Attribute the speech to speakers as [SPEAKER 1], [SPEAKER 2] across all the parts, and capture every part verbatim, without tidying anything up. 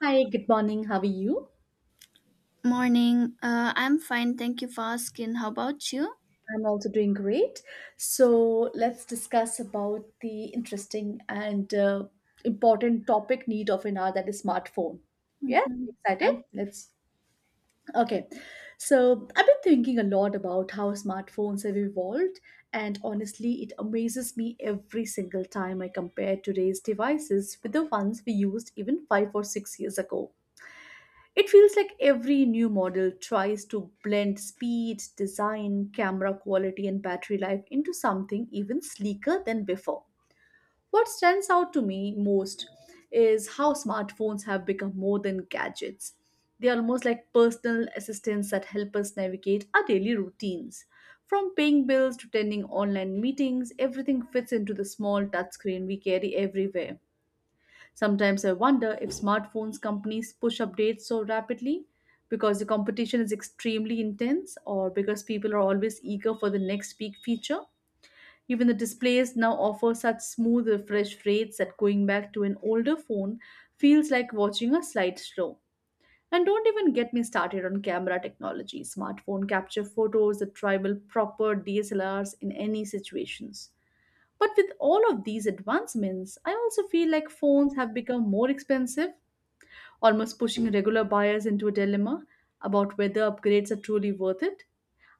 [SPEAKER 1] Hi, good morning. How are you?
[SPEAKER 2] Morning. Uh, I'm fine. Thank you for asking. How about you?
[SPEAKER 1] I'm also doing great. So let's discuss about the interesting and uh, important topic need of an hour that is smartphone. Yeah,
[SPEAKER 2] Mhm. Uh,
[SPEAKER 1] excited? Let's. Okay. So I've been thinking a lot about how smartphones have evolved, and honestly, it amazes me every single time I compare today's devices with the ones we used even five or six years ago. It feels like every new model tries to blend speed, design, camera quality, and battery life into something even sleeker than before. What stands out to me most is how smartphones have become more than gadgets. They are almost like personal assistants that help us navigate our daily routines. From paying bills to attending online meetings, everything fits into the small touchscreen we carry everywhere. Sometimes I wonder if smartphones companies push updates so rapidly because the competition is extremely intense or because people are always eager for the next big feature. Even the displays now offer such smooth refresh rates that going back to an older phone feels like watching a slideshow. And don't even get me started on camera technology. Smartphone capture photos that rival proper D S L Rs in any situations. But with all of these advancements, I also feel like phones have become more expensive, almost pushing regular buyers into a dilemma about whether upgrades are truly worth it.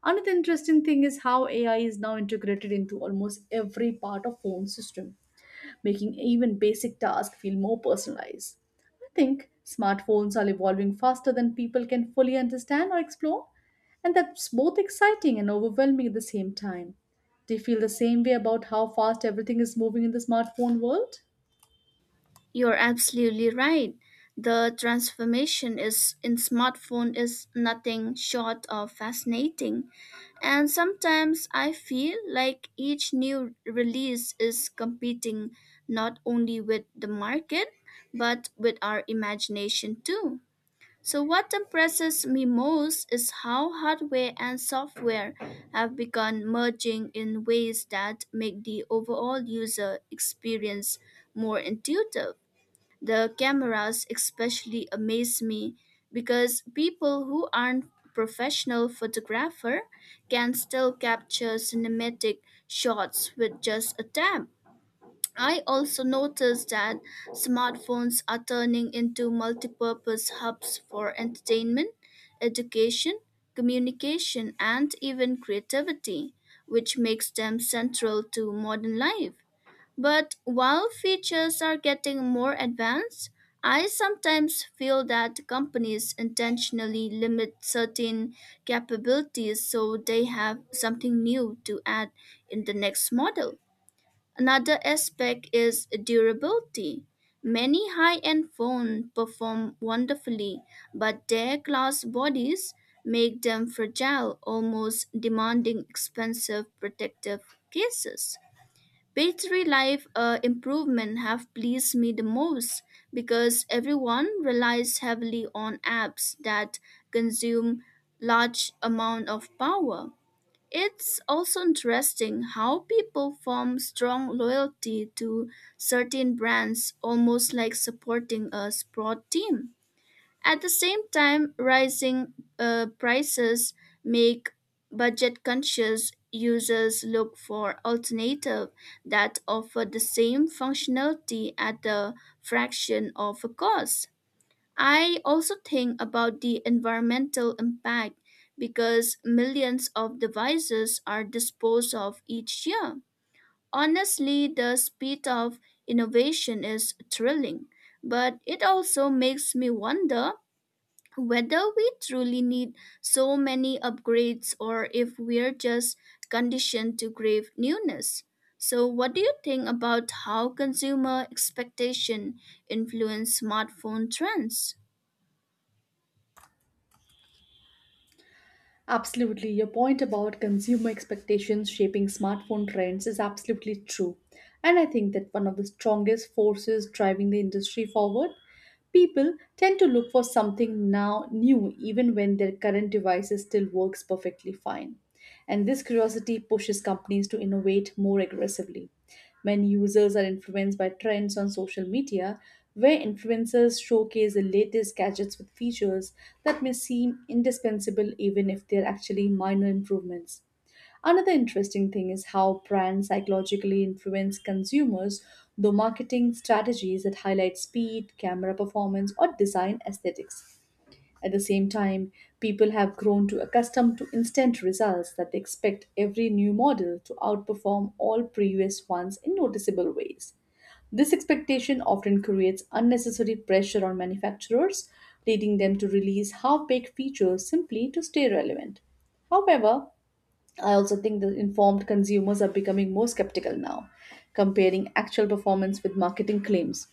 [SPEAKER 1] Another interesting thing is how A I is now integrated into almost every part of phone system making even basic tasks feel more personalized. I think smartphones are evolving faster than people can fully understand or explore, and that's both exciting and overwhelming at the same time. Do you feel the same way about how fast everything is moving in the smartphone world?
[SPEAKER 2] You're absolutely right. The transformation is in smartphone is nothing short of fascinating. And sometimes I feel like each new release is competing not only with the market, but with our imagination too. So, what impresses me most is how hardware and software have begun merging in ways that make the overall user experience more intuitive. The cameras especially amaze me because people who aren't professional photographer can still capture cinematic shots with just a tap. I also noticed that smartphones are turning into multi-purpose hubs for entertainment, education, communication, and even creativity, which makes them central to modern life. But while features are getting more advanced, I sometimes feel that companies intentionally limit certain capabilities so they have something new to add in the next model. Another aspect is durability. Many high end phones perform wonderfully, but their glass bodies make them fragile, almost demanding expensive protective cases. Battery life uh, improvement have pleased me the most because everyone relies heavily on apps that consume large amount of power. It's also interesting how people form strong loyalty to certain brands, almost like supporting a sport team. At the same time, rising uh, prices make budget conscious users look for alternative that offer the same functionality at a fraction of a cost. I also think about the environmental impact because millions of devices are disposed of each year. Honestly, the speed of innovation is thrilling, but it also makes me wonder whether we truly need so many upgrades or if we're just conditioned to crave newness. So, what do you think about how consumer expectation influence smartphone trends?
[SPEAKER 1] Absolutely. Your point about consumer expectations shaping smartphone trends is absolutely true. And I think that one of the strongest forces driving the industry forward, people tend to look for something now new even when their current devices still works perfectly fine. And this curiosity pushes companies to innovate more aggressively when users are influenced by trends on social media, where influencers showcase the latest gadgets with features that may seem indispensable even if they're actually minor improvements. Another interesting thing is how brands psychologically influence consumers through marketing strategies that highlight speed, camera performance, or design aesthetics. At the same time, people have grown to accustomed to instant results that they expect every new model to outperform all previous ones in noticeable ways. This expectation often creates unnecessary pressure on manufacturers, leading them to release half baked features simply to stay relevant. However, I also think that informed consumers are becoming more skeptical now, comparing actual performance with marketing claims.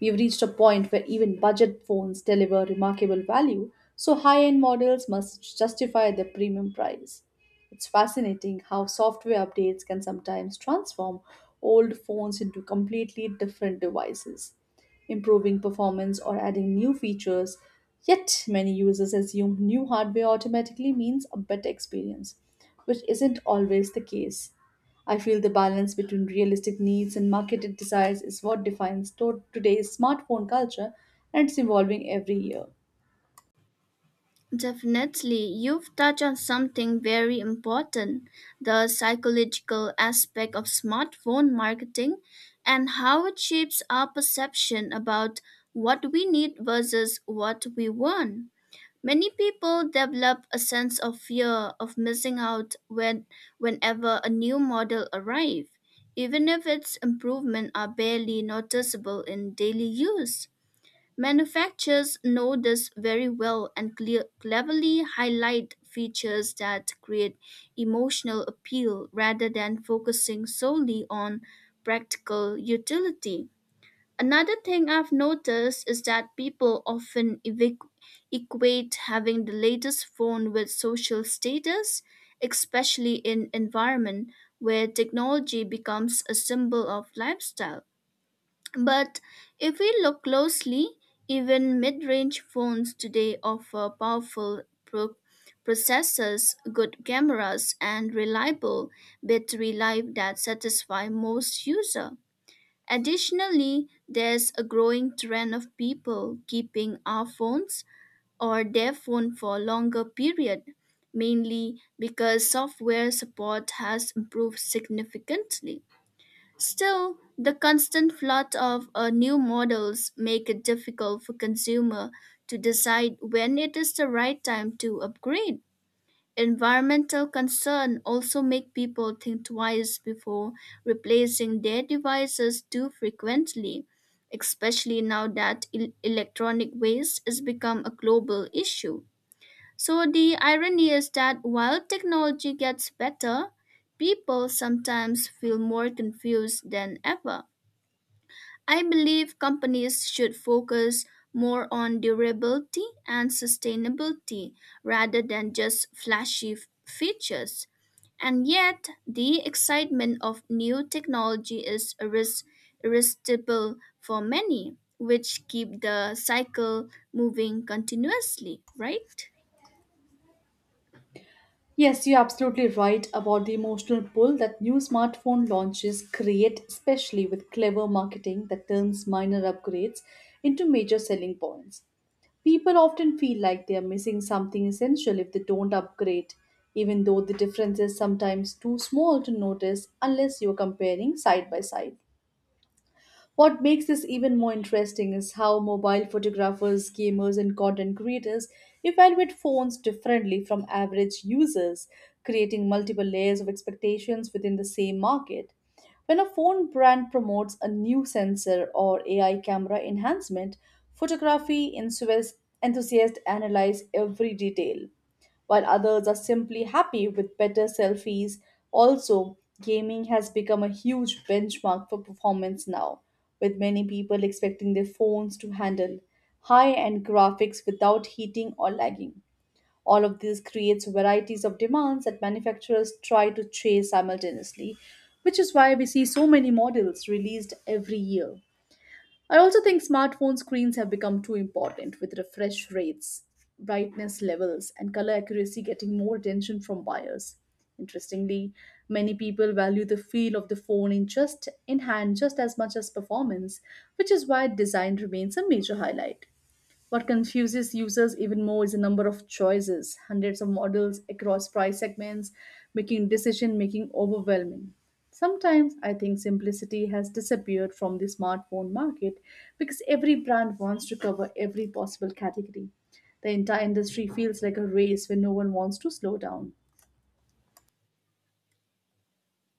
[SPEAKER 1] We've reached a point where even budget phones deliver remarkable value, so high end models must justify their premium price. It's fascinating how software updates can sometimes transform old phones into completely different devices, improving performance or adding new features. Yet, many users assume new hardware automatically means a better experience, which isn't always the case. I feel the balance between realistic needs and marketed desires is what defines to- today's smartphone culture, and it's evolving every year.
[SPEAKER 2] Definitely, you've touched on something very important, the psychological aspect of smartphone marketing and how it shapes our perception about what we need versus what we want. Many people develop a sense of fear of missing out when, whenever a new model arrives, even if its improvements are barely noticeable in daily use. Manufacturers know this very well and cle- cleverly highlight features that create emotional appeal rather than focusing solely on practical utility. Another thing I've noticed is that people often evic- equate having the latest phone with social status, especially in environment where technology becomes a symbol of lifestyle. But if we look closely, even mid range phones today offer powerful pro- processors, good cameras, and reliable battery life that satisfy most users. Additionally, there's a growing trend of people keeping our phones or their phone for a longer period, mainly because software support has improved significantly. Still, the constant flood of uh, new models make it difficult for consumer to decide when it is the right time to upgrade. Environmental concern also make people think twice before replacing their devices too frequently, especially now that el- electronic waste has become a global issue. So the irony is that while technology gets better, people sometimes feel more confused than ever. I believe companies should focus more on durability and sustainability rather than just flashy f- features. And yet, the excitement of new technology is irres- irresistible for many, which keep the cycle moving continuously, right?
[SPEAKER 1] Yes, you're absolutely right about the emotional pull that new smartphone launches create, especially with clever marketing that turns minor upgrades into major selling points. People often feel like they are missing something essential if they don't upgrade, even though the difference is sometimes too small to notice unless you're comparing side by side. What makes this even more interesting is how mobile photographers, gamers, and content creators evaluate phones differently from average users, creating multiple layers of expectations within the same market. When a phone brand promotes a new sensor or A I camera enhancement, photography enthusias- enthusiasts analyze every detail while others are simply happy with better selfies. Also, gaming has become a huge benchmark for performance now, with many people expecting their phones to handle high end graphics without heating or lagging. All of this creates varieties of demands that manufacturers try to chase simultaneously, which is why we see so many models released every year. I also think smartphone screens have become too important with refresh rates, brightness levels, and color accuracy getting more attention from buyers. Interestingly, many people value the feel of the phone in just in hand just as much as performance, which is why design remains a major highlight. What confuses users even more is the number of choices, hundreds of models across price segments, making decision making overwhelming. Sometimes I think simplicity has disappeared from the smartphone market because every brand wants to cover every possible category. The entire industry feels like a race where no one wants to slow down.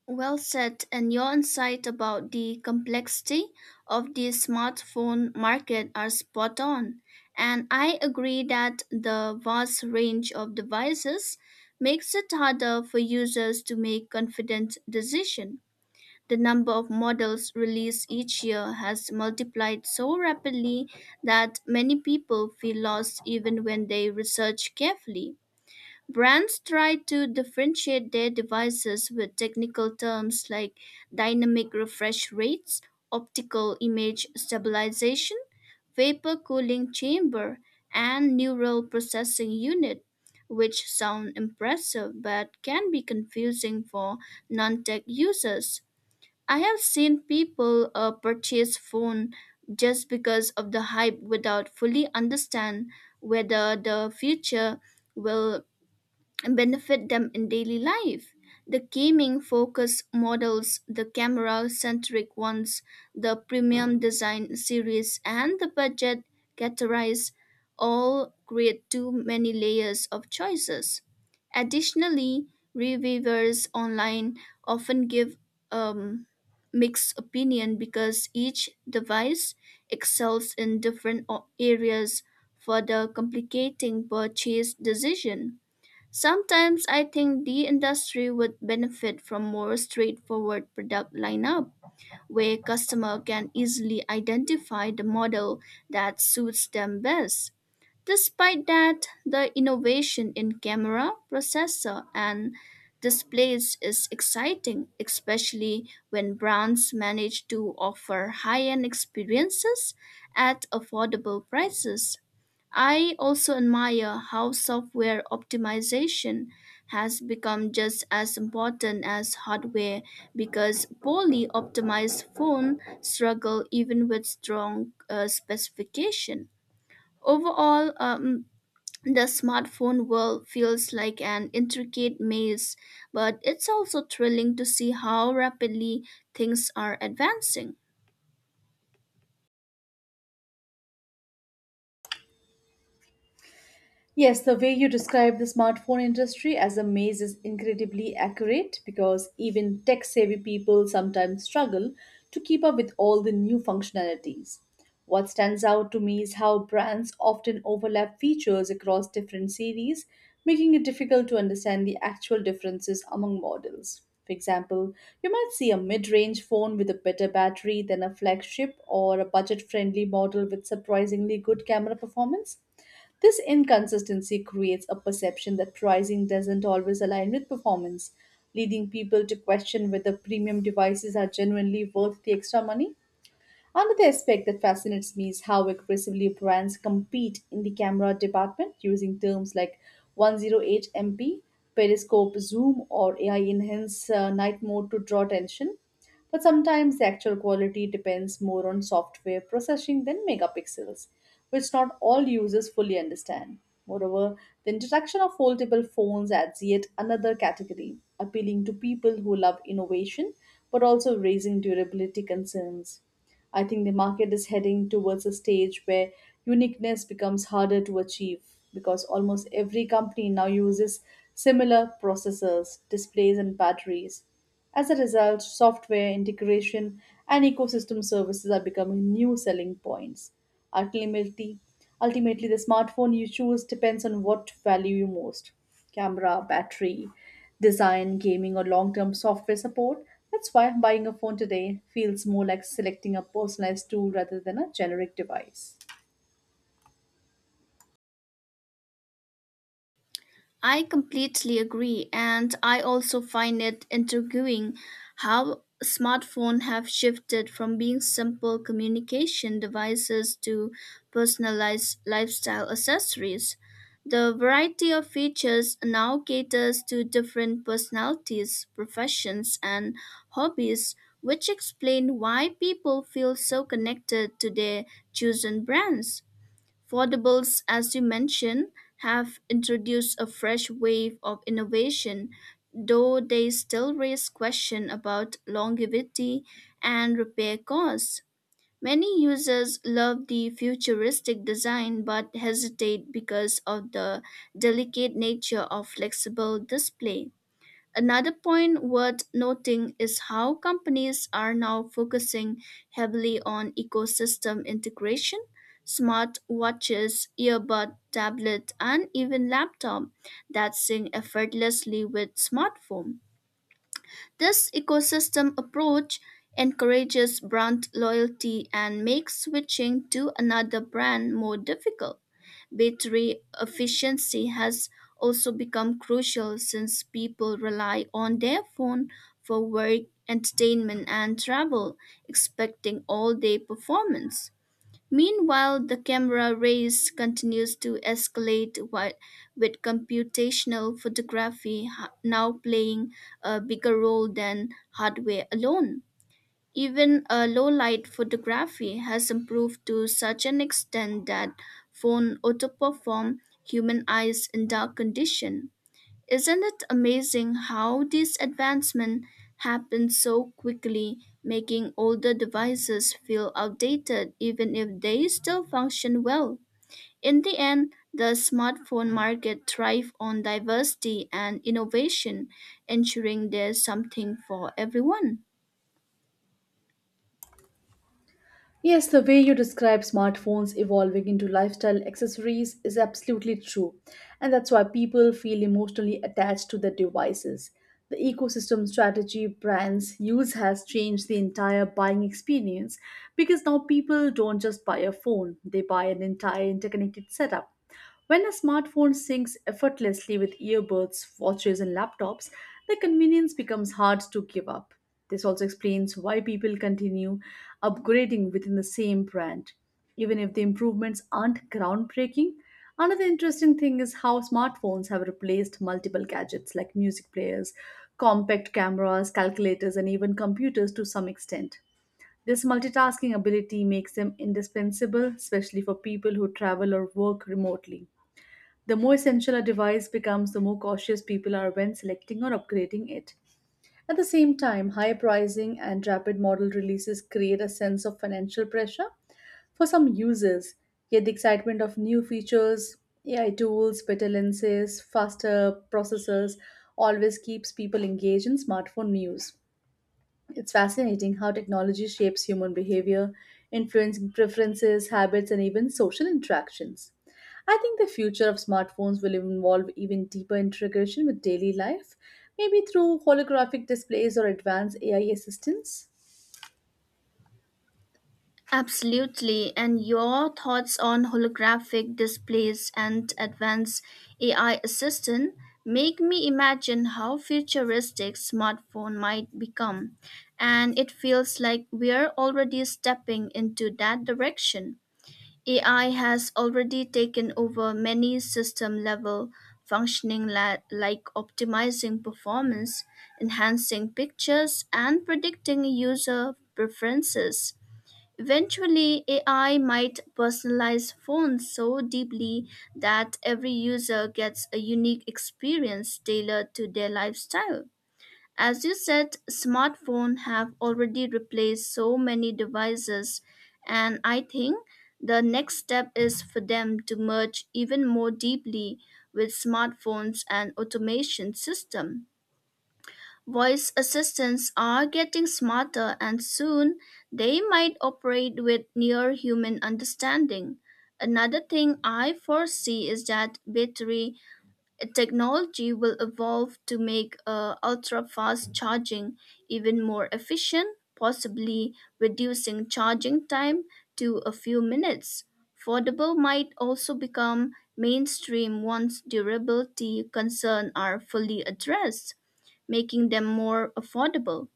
[SPEAKER 2] Well said, and your insight about the complexity of the smartphone market are spot on. And I agree that the vast range of devices makes it harder for users to make confident decisions. The number of models released each year has multiplied so rapidly that many people feel lost even when they research carefully. Brands try to differentiate their devices with technical terms like dynamic refresh rates, optical image stabilization, vapor cooling chamber, and neural processing unit, which sound impressive but can be confusing for non tech users. I have seen people uh, purchase phone just because of the hype without fully understand whether the future will and benefit them in daily life. The gaming focus models, the camera centric ones, the premium design series, and the budget categorize all create too many layers of choices. Additionally, reviewers online often give um, mixed opinion because each device excels in different o- areas, further complicating purchase decision. Sometimes I think the industry would benefit from more straightforward product lineup where customer can easily identify the model that suits them best. Despite that, the innovation in camera, processor and displays is exciting, especially when brands manage to offer high-end experiences at affordable prices. I also admire how software optimization has become just as important as hardware because poorly optimized phones struggle even with strong uh, specification. Overall, um, the smartphone world feels like an intricate maze, but it's also thrilling to see how rapidly things are advancing.
[SPEAKER 1] Yes, the way you describe the smartphone industry as a maze is incredibly accurate because even tech savvy people sometimes struggle to keep up with all the new functionalities. What stands out to me is how brands often overlap features across different series, making it difficult to understand the actual differences among models. For example, you might see a mid range phone with a better battery than a flagship or a budget friendly model with surprisingly good camera performance. This inconsistency creates a perception that pricing doesn't always align with performance, leading people to question whether premium devices are genuinely worth the extra money. Another aspect that fascinates me is how aggressively brands compete in the camera department using terms like one oh eight M P, periscope zoom, or A I enhanced uh, night mode to draw attention. But sometimes the actual quality depends more on software processing than megapixels, which not all users fully understand. Moreover, the introduction of foldable phones adds yet another category, appealing to people who love innovation but also raising durability concerns. I think the market is heading towards a stage where uniqueness becomes harder to achieve because almost every company now uses similar processors, displays, and batteries. As a result, software integration and ecosystem services are becoming new selling points. Ultimately, Ultimately the smartphone you choose depends on what value you most camera, battery, design, gaming, or long term software support. That's why buying a phone today feels more like selecting a personalized tool rather than a generic device.
[SPEAKER 2] I completely agree, and I also find it intriguing how smartphones have shifted from being simple communication devices to personalized lifestyle accessories. The variety of features now caters to different personalities, professions, and hobbies, which explain why people feel so connected to their chosen brands. Foldables, as you mentioned, have introduced a fresh wave of innovation, though they still raise questions about longevity and repair costs. Many users love the futuristic design but hesitate because of the delicate nature of flexible display. Another point worth noting is how companies are now focusing heavily on ecosystem integration. Smart watches, earbud, tablet, and even laptop that sync effortlessly with smartphone. This ecosystem approach encourages brand loyalty and makes switching to another brand more difficult. Battery efficiency has also become crucial since people rely on their phone for work, entertainment, and travel, expecting all day performance. Meanwhile, the camera race continues to escalate wi- with computational photography ha- now playing a bigger role than hardware alone. Even a low-light photography has improved to such an extent that phone outperform human eyes in dark condition. Isn't it amazing how these advancements happen so quickly, making older devices feel outdated even if they still function well? In the end, the smartphone market thrives on diversity and innovation, ensuring there's something for everyone.
[SPEAKER 1] Yes, the way you describe smartphones evolving into lifestyle accessories is absolutely true. And that's why people feel emotionally attached to their devices. The ecosystem strategy brands use has changed the entire buying experience because now people don't just buy a phone, they buy an entire interconnected setup. When a smartphone syncs effortlessly with earbuds, watches, and laptops, the convenience becomes hard to give up. This also explains why people continue upgrading within the same brand, even if the improvements aren't groundbreaking. Another interesting thing is how smartphones have replaced multiple gadgets like music players, compact cameras, calculators, and even computers to some extent. This multitasking ability makes them indispensable, especially for people who travel or work remotely. The more essential a device becomes, the more cautious people are when selecting or upgrading it. At the same time, high pricing and rapid model releases create a sense of financial pressure for some users. Yet the excitement of new features, A I tools, better lenses, faster processors always keeps people engaged in smartphone news. It's fascinating how technology shapes human behavior, influencing preferences, habits, and even social interactions. I think the future of smartphones will involve even deeper integration with daily life, maybe through holographic displays or advanced A I assistants.
[SPEAKER 2] Absolutely. And your thoughts on holographic displays and advanced A I assistant make me imagine how futuristic smartphone might become. And it feels like we're already stepping into that direction. A I has already taken over many system level functioning la- like optimizing performance, enhancing pictures, and predicting user preferences. Eventually, A I might personalize phones so deeply that every user gets a unique experience tailored to their lifestyle. As you said, smartphones have already replaced so many devices, and I think the next step is for them to merge even more deeply with smartphones and automation system. Voice assistants are getting smarter and soon they might operate with near human understanding. Another thing I foresee is that battery technology will evolve to make uh, ultra fast charging even more efficient, possibly reducing charging time to a few minutes. Foldable might also become mainstream once durability concerns are fully addressed, making them more affordable.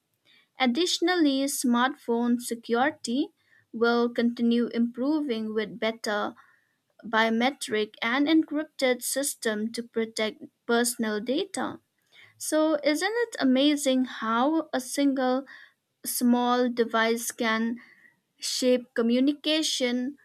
[SPEAKER 2] Additionally, smartphone security will continue improving with better biometric and encrypted system to protect personal data. So, isn't it amazing how a single small device can shape communication,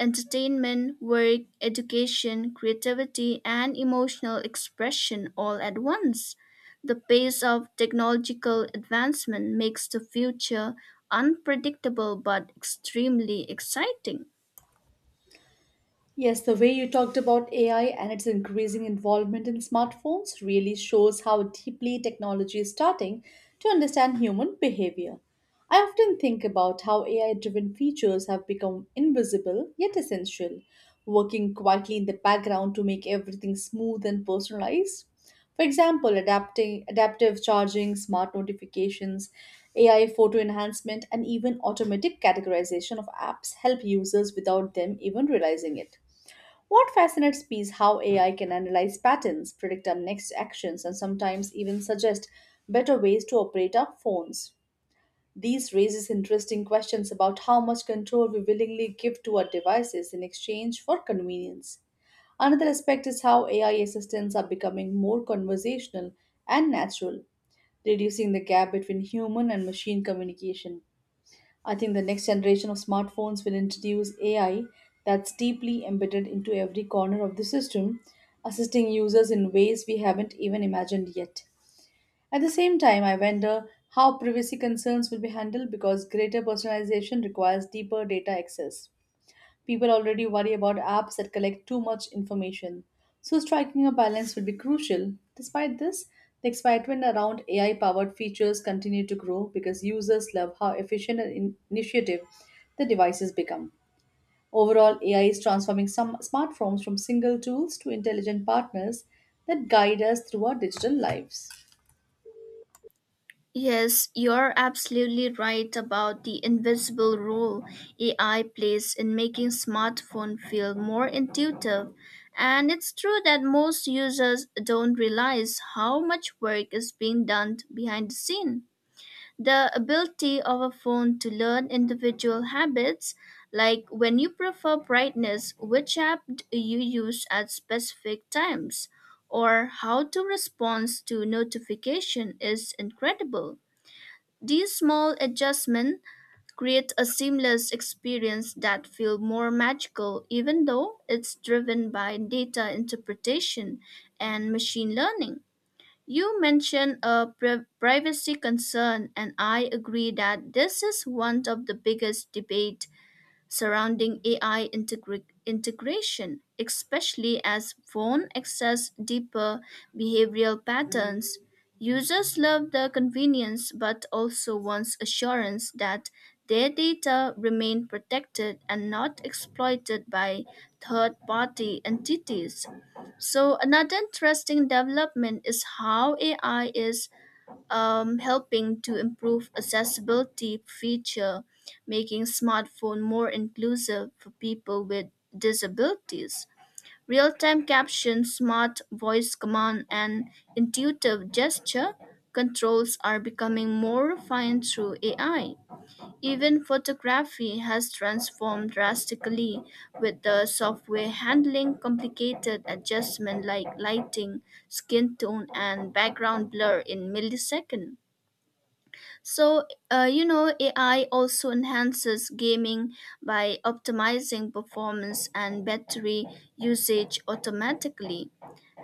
[SPEAKER 2] entertainment, work, education, creativity, and emotional expression all at once? The pace of technological advancement makes the future unpredictable but extremely exciting.
[SPEAKER 1] Yes, the way you talked about A I and its increasing involvement in smartphones really shows how deeply technology is starting to understand human behavior. I often think about how A I driven features have become invisible yet essential, working quietly in the background to make everything smooth and personalized. For example, adapting, adaptive charging, smart notifications, A I photo enhancement, and even automatic categorization of apps help users without them even realizing it. What fascinates me is how A I can analyze patterns, predict our next actions, and sometimes even suggest better ways to operate our phones. These raises interesting questions about how much control we willingly give to our devices in exchange for convenience. Another aspect is how A I assistants are becoming more conversational and natural, reducing the gap between human and machine communication. I think the next generation of smartphones will introduce A I that's deeply embedded into every corner of the system, assisting users in ways we haven't even imagined yet. At the same time, I wonder how privacy concerns will be handled because greater personalization requires deeper data access. People already worry about apps that collect too much information. So, striking a balance will be crucial. Despite this, the excitement around A I powered features continue to grow because users love how efficient and in- initiative the devices become. Overall, A I is transforming some smartphones from single tools to intelligent partners that guide us through our digital lives.
[SPEAKER 2] Yes, you're absolutely right about the invisible role A I plays in making smartphone feel more intuitive. And it's true that most users don't realize how much work is being done behind the scene. The ability of a phone to learn individual habits, like when you prefer brightness, which app do you use at specific times, or how to respond to notification is incredible. These small adjustments create a seamless experience that feels more magical even though it's driven by data interpretation and machine learning. You mentioned a pri- privacy concern and I agree that this is one of the biggest debates surrounding A I integra- integration, especially as phone access deeper behavioral patterns. Users love the convenience but also wants assurance that their data remain protected and not exploited by third party entities. So, another interesting development is how A I is um, helping to improve accessibility feature, making smartphone more inclusive for people with disabilities. Real-time caption, smart voice command, and intuitive gesture controls are becoming more refined through A I. Even photography has transformed drastically with the software handling complicated adjustments like lighting, skin tone, and background blur in milliseconds. So, uh, you know, A I also enhances gaming by optimizing performance and battery usage automatically.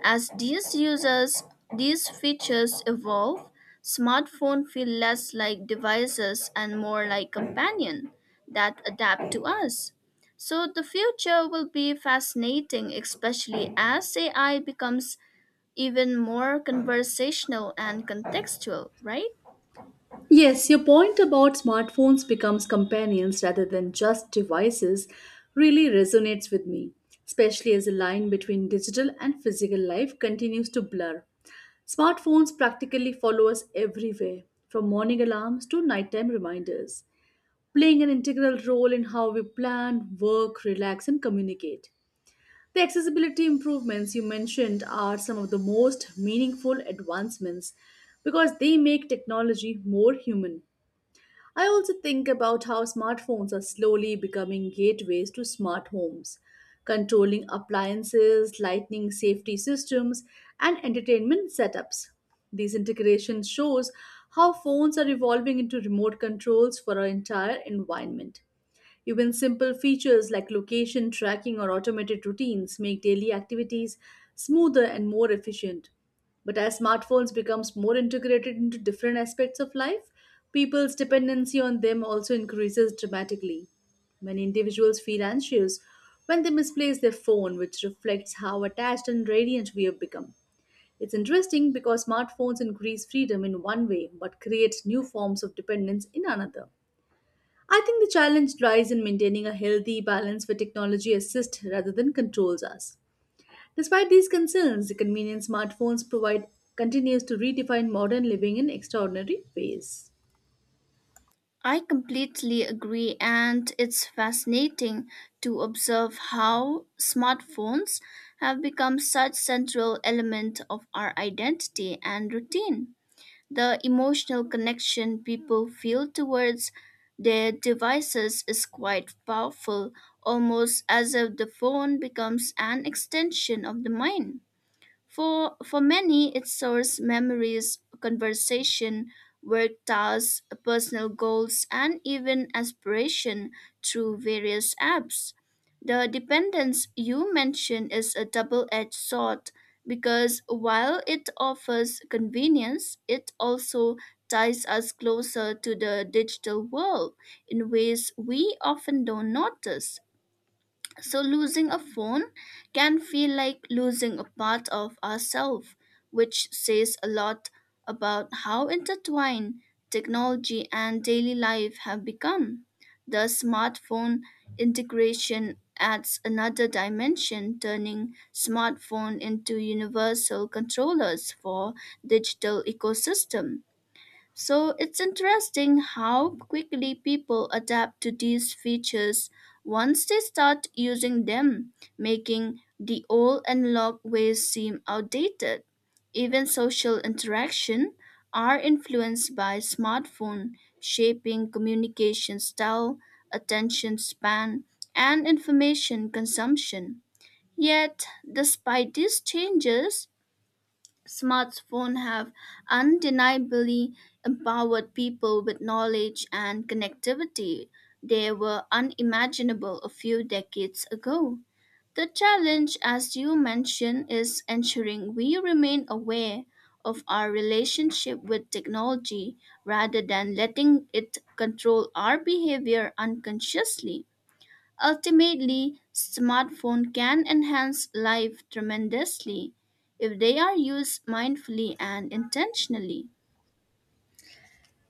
[SPEAKER 2] As these users, these features evolve, smartphones feel less like devices and more like companion that adapt to us. So the future will be fascinating, especially as A I becomes even more conversational and contextual, right?
[SPEAKER 1] Yes, your point about smartphones becomes companions rather than just devices really resonates with me, especially as the line between digital and physical life continues to blur. Smartphones practically follow us everywhere, from morning alarms to nighttime reminders, playing an integral role in how we plan, work, relax, and communicate. The accessibility improvements you mentioned are some of the most meaningful advancements because they make technology more human. I also think about how smartphones are slowly becoming gateways to smart homes, controlling appliances, lightning safety systems, and entertainment setups. These integrations shows how phones are evolving into remote controls for our entire environment. Even simple features like location tracking or automated routines make daily activities smoother and more efficient. But as smartphones becomes more integrated into different aspects of life, people's dependency on them also increases dramatically. Many individuals feel anxious when they misplace their phone, which reflects how attached and radiant we have become. It's interesting because smartphones increase freedom in one way but create new forms of dependence in another. I think the challenge lies in maintaining a healthy balance where technology assists rather than controls us. Despite these concerns, the convenient smartphones provide continues to redefine modern living in extraordinary ways.
[SPEAKER 2] I completely agree, and it's fascinating to observe how smartphones have become such central element of our identity and routine. The emotional connection people feel towards their devices is quite powerful, almost as if the phone becomes an extension of the mind. For, for many, it stores memories, conversation, work tasks, personal goals, and even aspiration through various apps. The dependence you mentioned is a double edged sword because while it offers convenience, it also ties us closer to the digital world in ways we often don't notice. So, losing a phone can feel like losing a part of ourselves, which says a lot about how intertwined technology and daily life have become. The smartphone integration adds another dimension, turning smartphone into universal controllers for digital ecosystem. So it's interesting how quickly people adapt to these features once they start using them, making the old analog ways seem outdated. Even social interaction are influenced by smartphone, shaping communication style, attention span, and information consumption. Yet, despite these changes, smartphones have undeniably empowered people with knowledge and connectivity. They were unimaginable a few decades ago. The challenge, as you mentioned, is ensuring we remain aware of our relationship with technology rather than letting it control our behavior unconsciously. Ultimately, smartphones can enhance life tremendously if they are used mindfully and intentionally.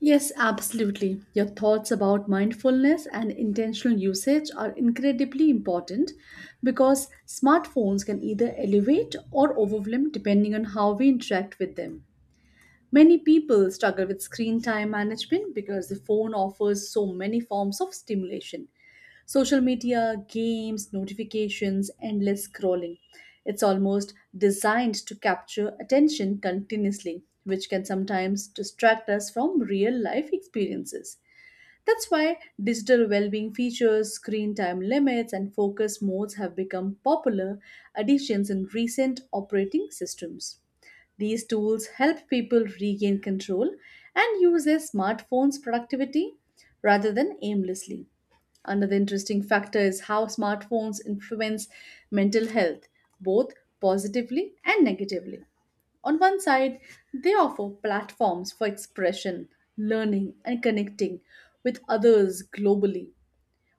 [SPEAKER 1] Yes, absolutely. Your thoughts about mindfulness and intentional usage are incredibly important because smartphones can either elevate or overwhelm depending on how we interact with them. Many people struggle with screen time management because the phone offers so many forms of stimulation social media, games, notifications, endless scrolling. It's almost designed to capture attention continuously, which can sometimes distract us from real life experiences. That's why digital well-being features, screen time limits, and focus modes have become popular additions in recent operating systems. These tools help people regain control and use their smartphones productivity rather than aimlessly. Another interesting factor is how smartphones influence mental health, both positively and negatively. On one side, they offer platforms for expression, learning, and connecting with others globally.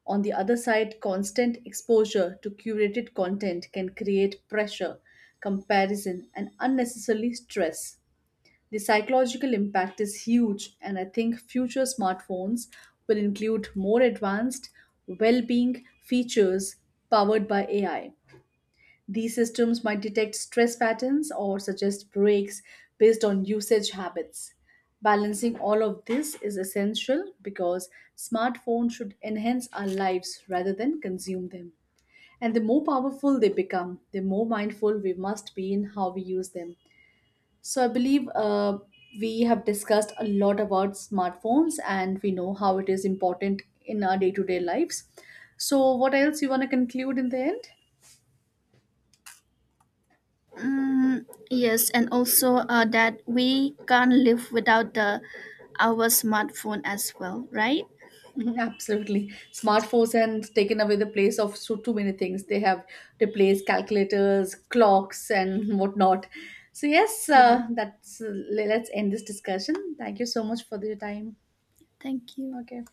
[SPEAKER 1] On the other side, constant exposure to curated content can create pressure, comparison, and unnecessarily stress. The psychological impact is huge, and I think future smartphones will include more advanced well being features powered by A I. These systems might detect stress patterns or suggest breaks based on usage habits. Balancing all of this is essential because smartphones should enhance our lives rather than consume them. And the more powerful they become, the more mindful we must be in how we use them. So, I believe uh, we have discussed a lot about smartphones and we know how it is important in our day to day lives. So, what else you want to conclude in the end?
[SPEAKER 2] Mm, yes, and also uh, that we can't live without the our smartphone as well, right?
[SPEAKER 1] Mhm, absolutely. Smartphones have taken away the place of so too many things. They have replaced calculators, clocks, and whatnot. So yes,
[SPEAKER 2] Mhm.
[SPEAKER 1] uh, that's uh, le- let's end this discussion. Thank you so much for your time.
[SPEAKER 2] Thank you.
[SPEAKER 1] Okay.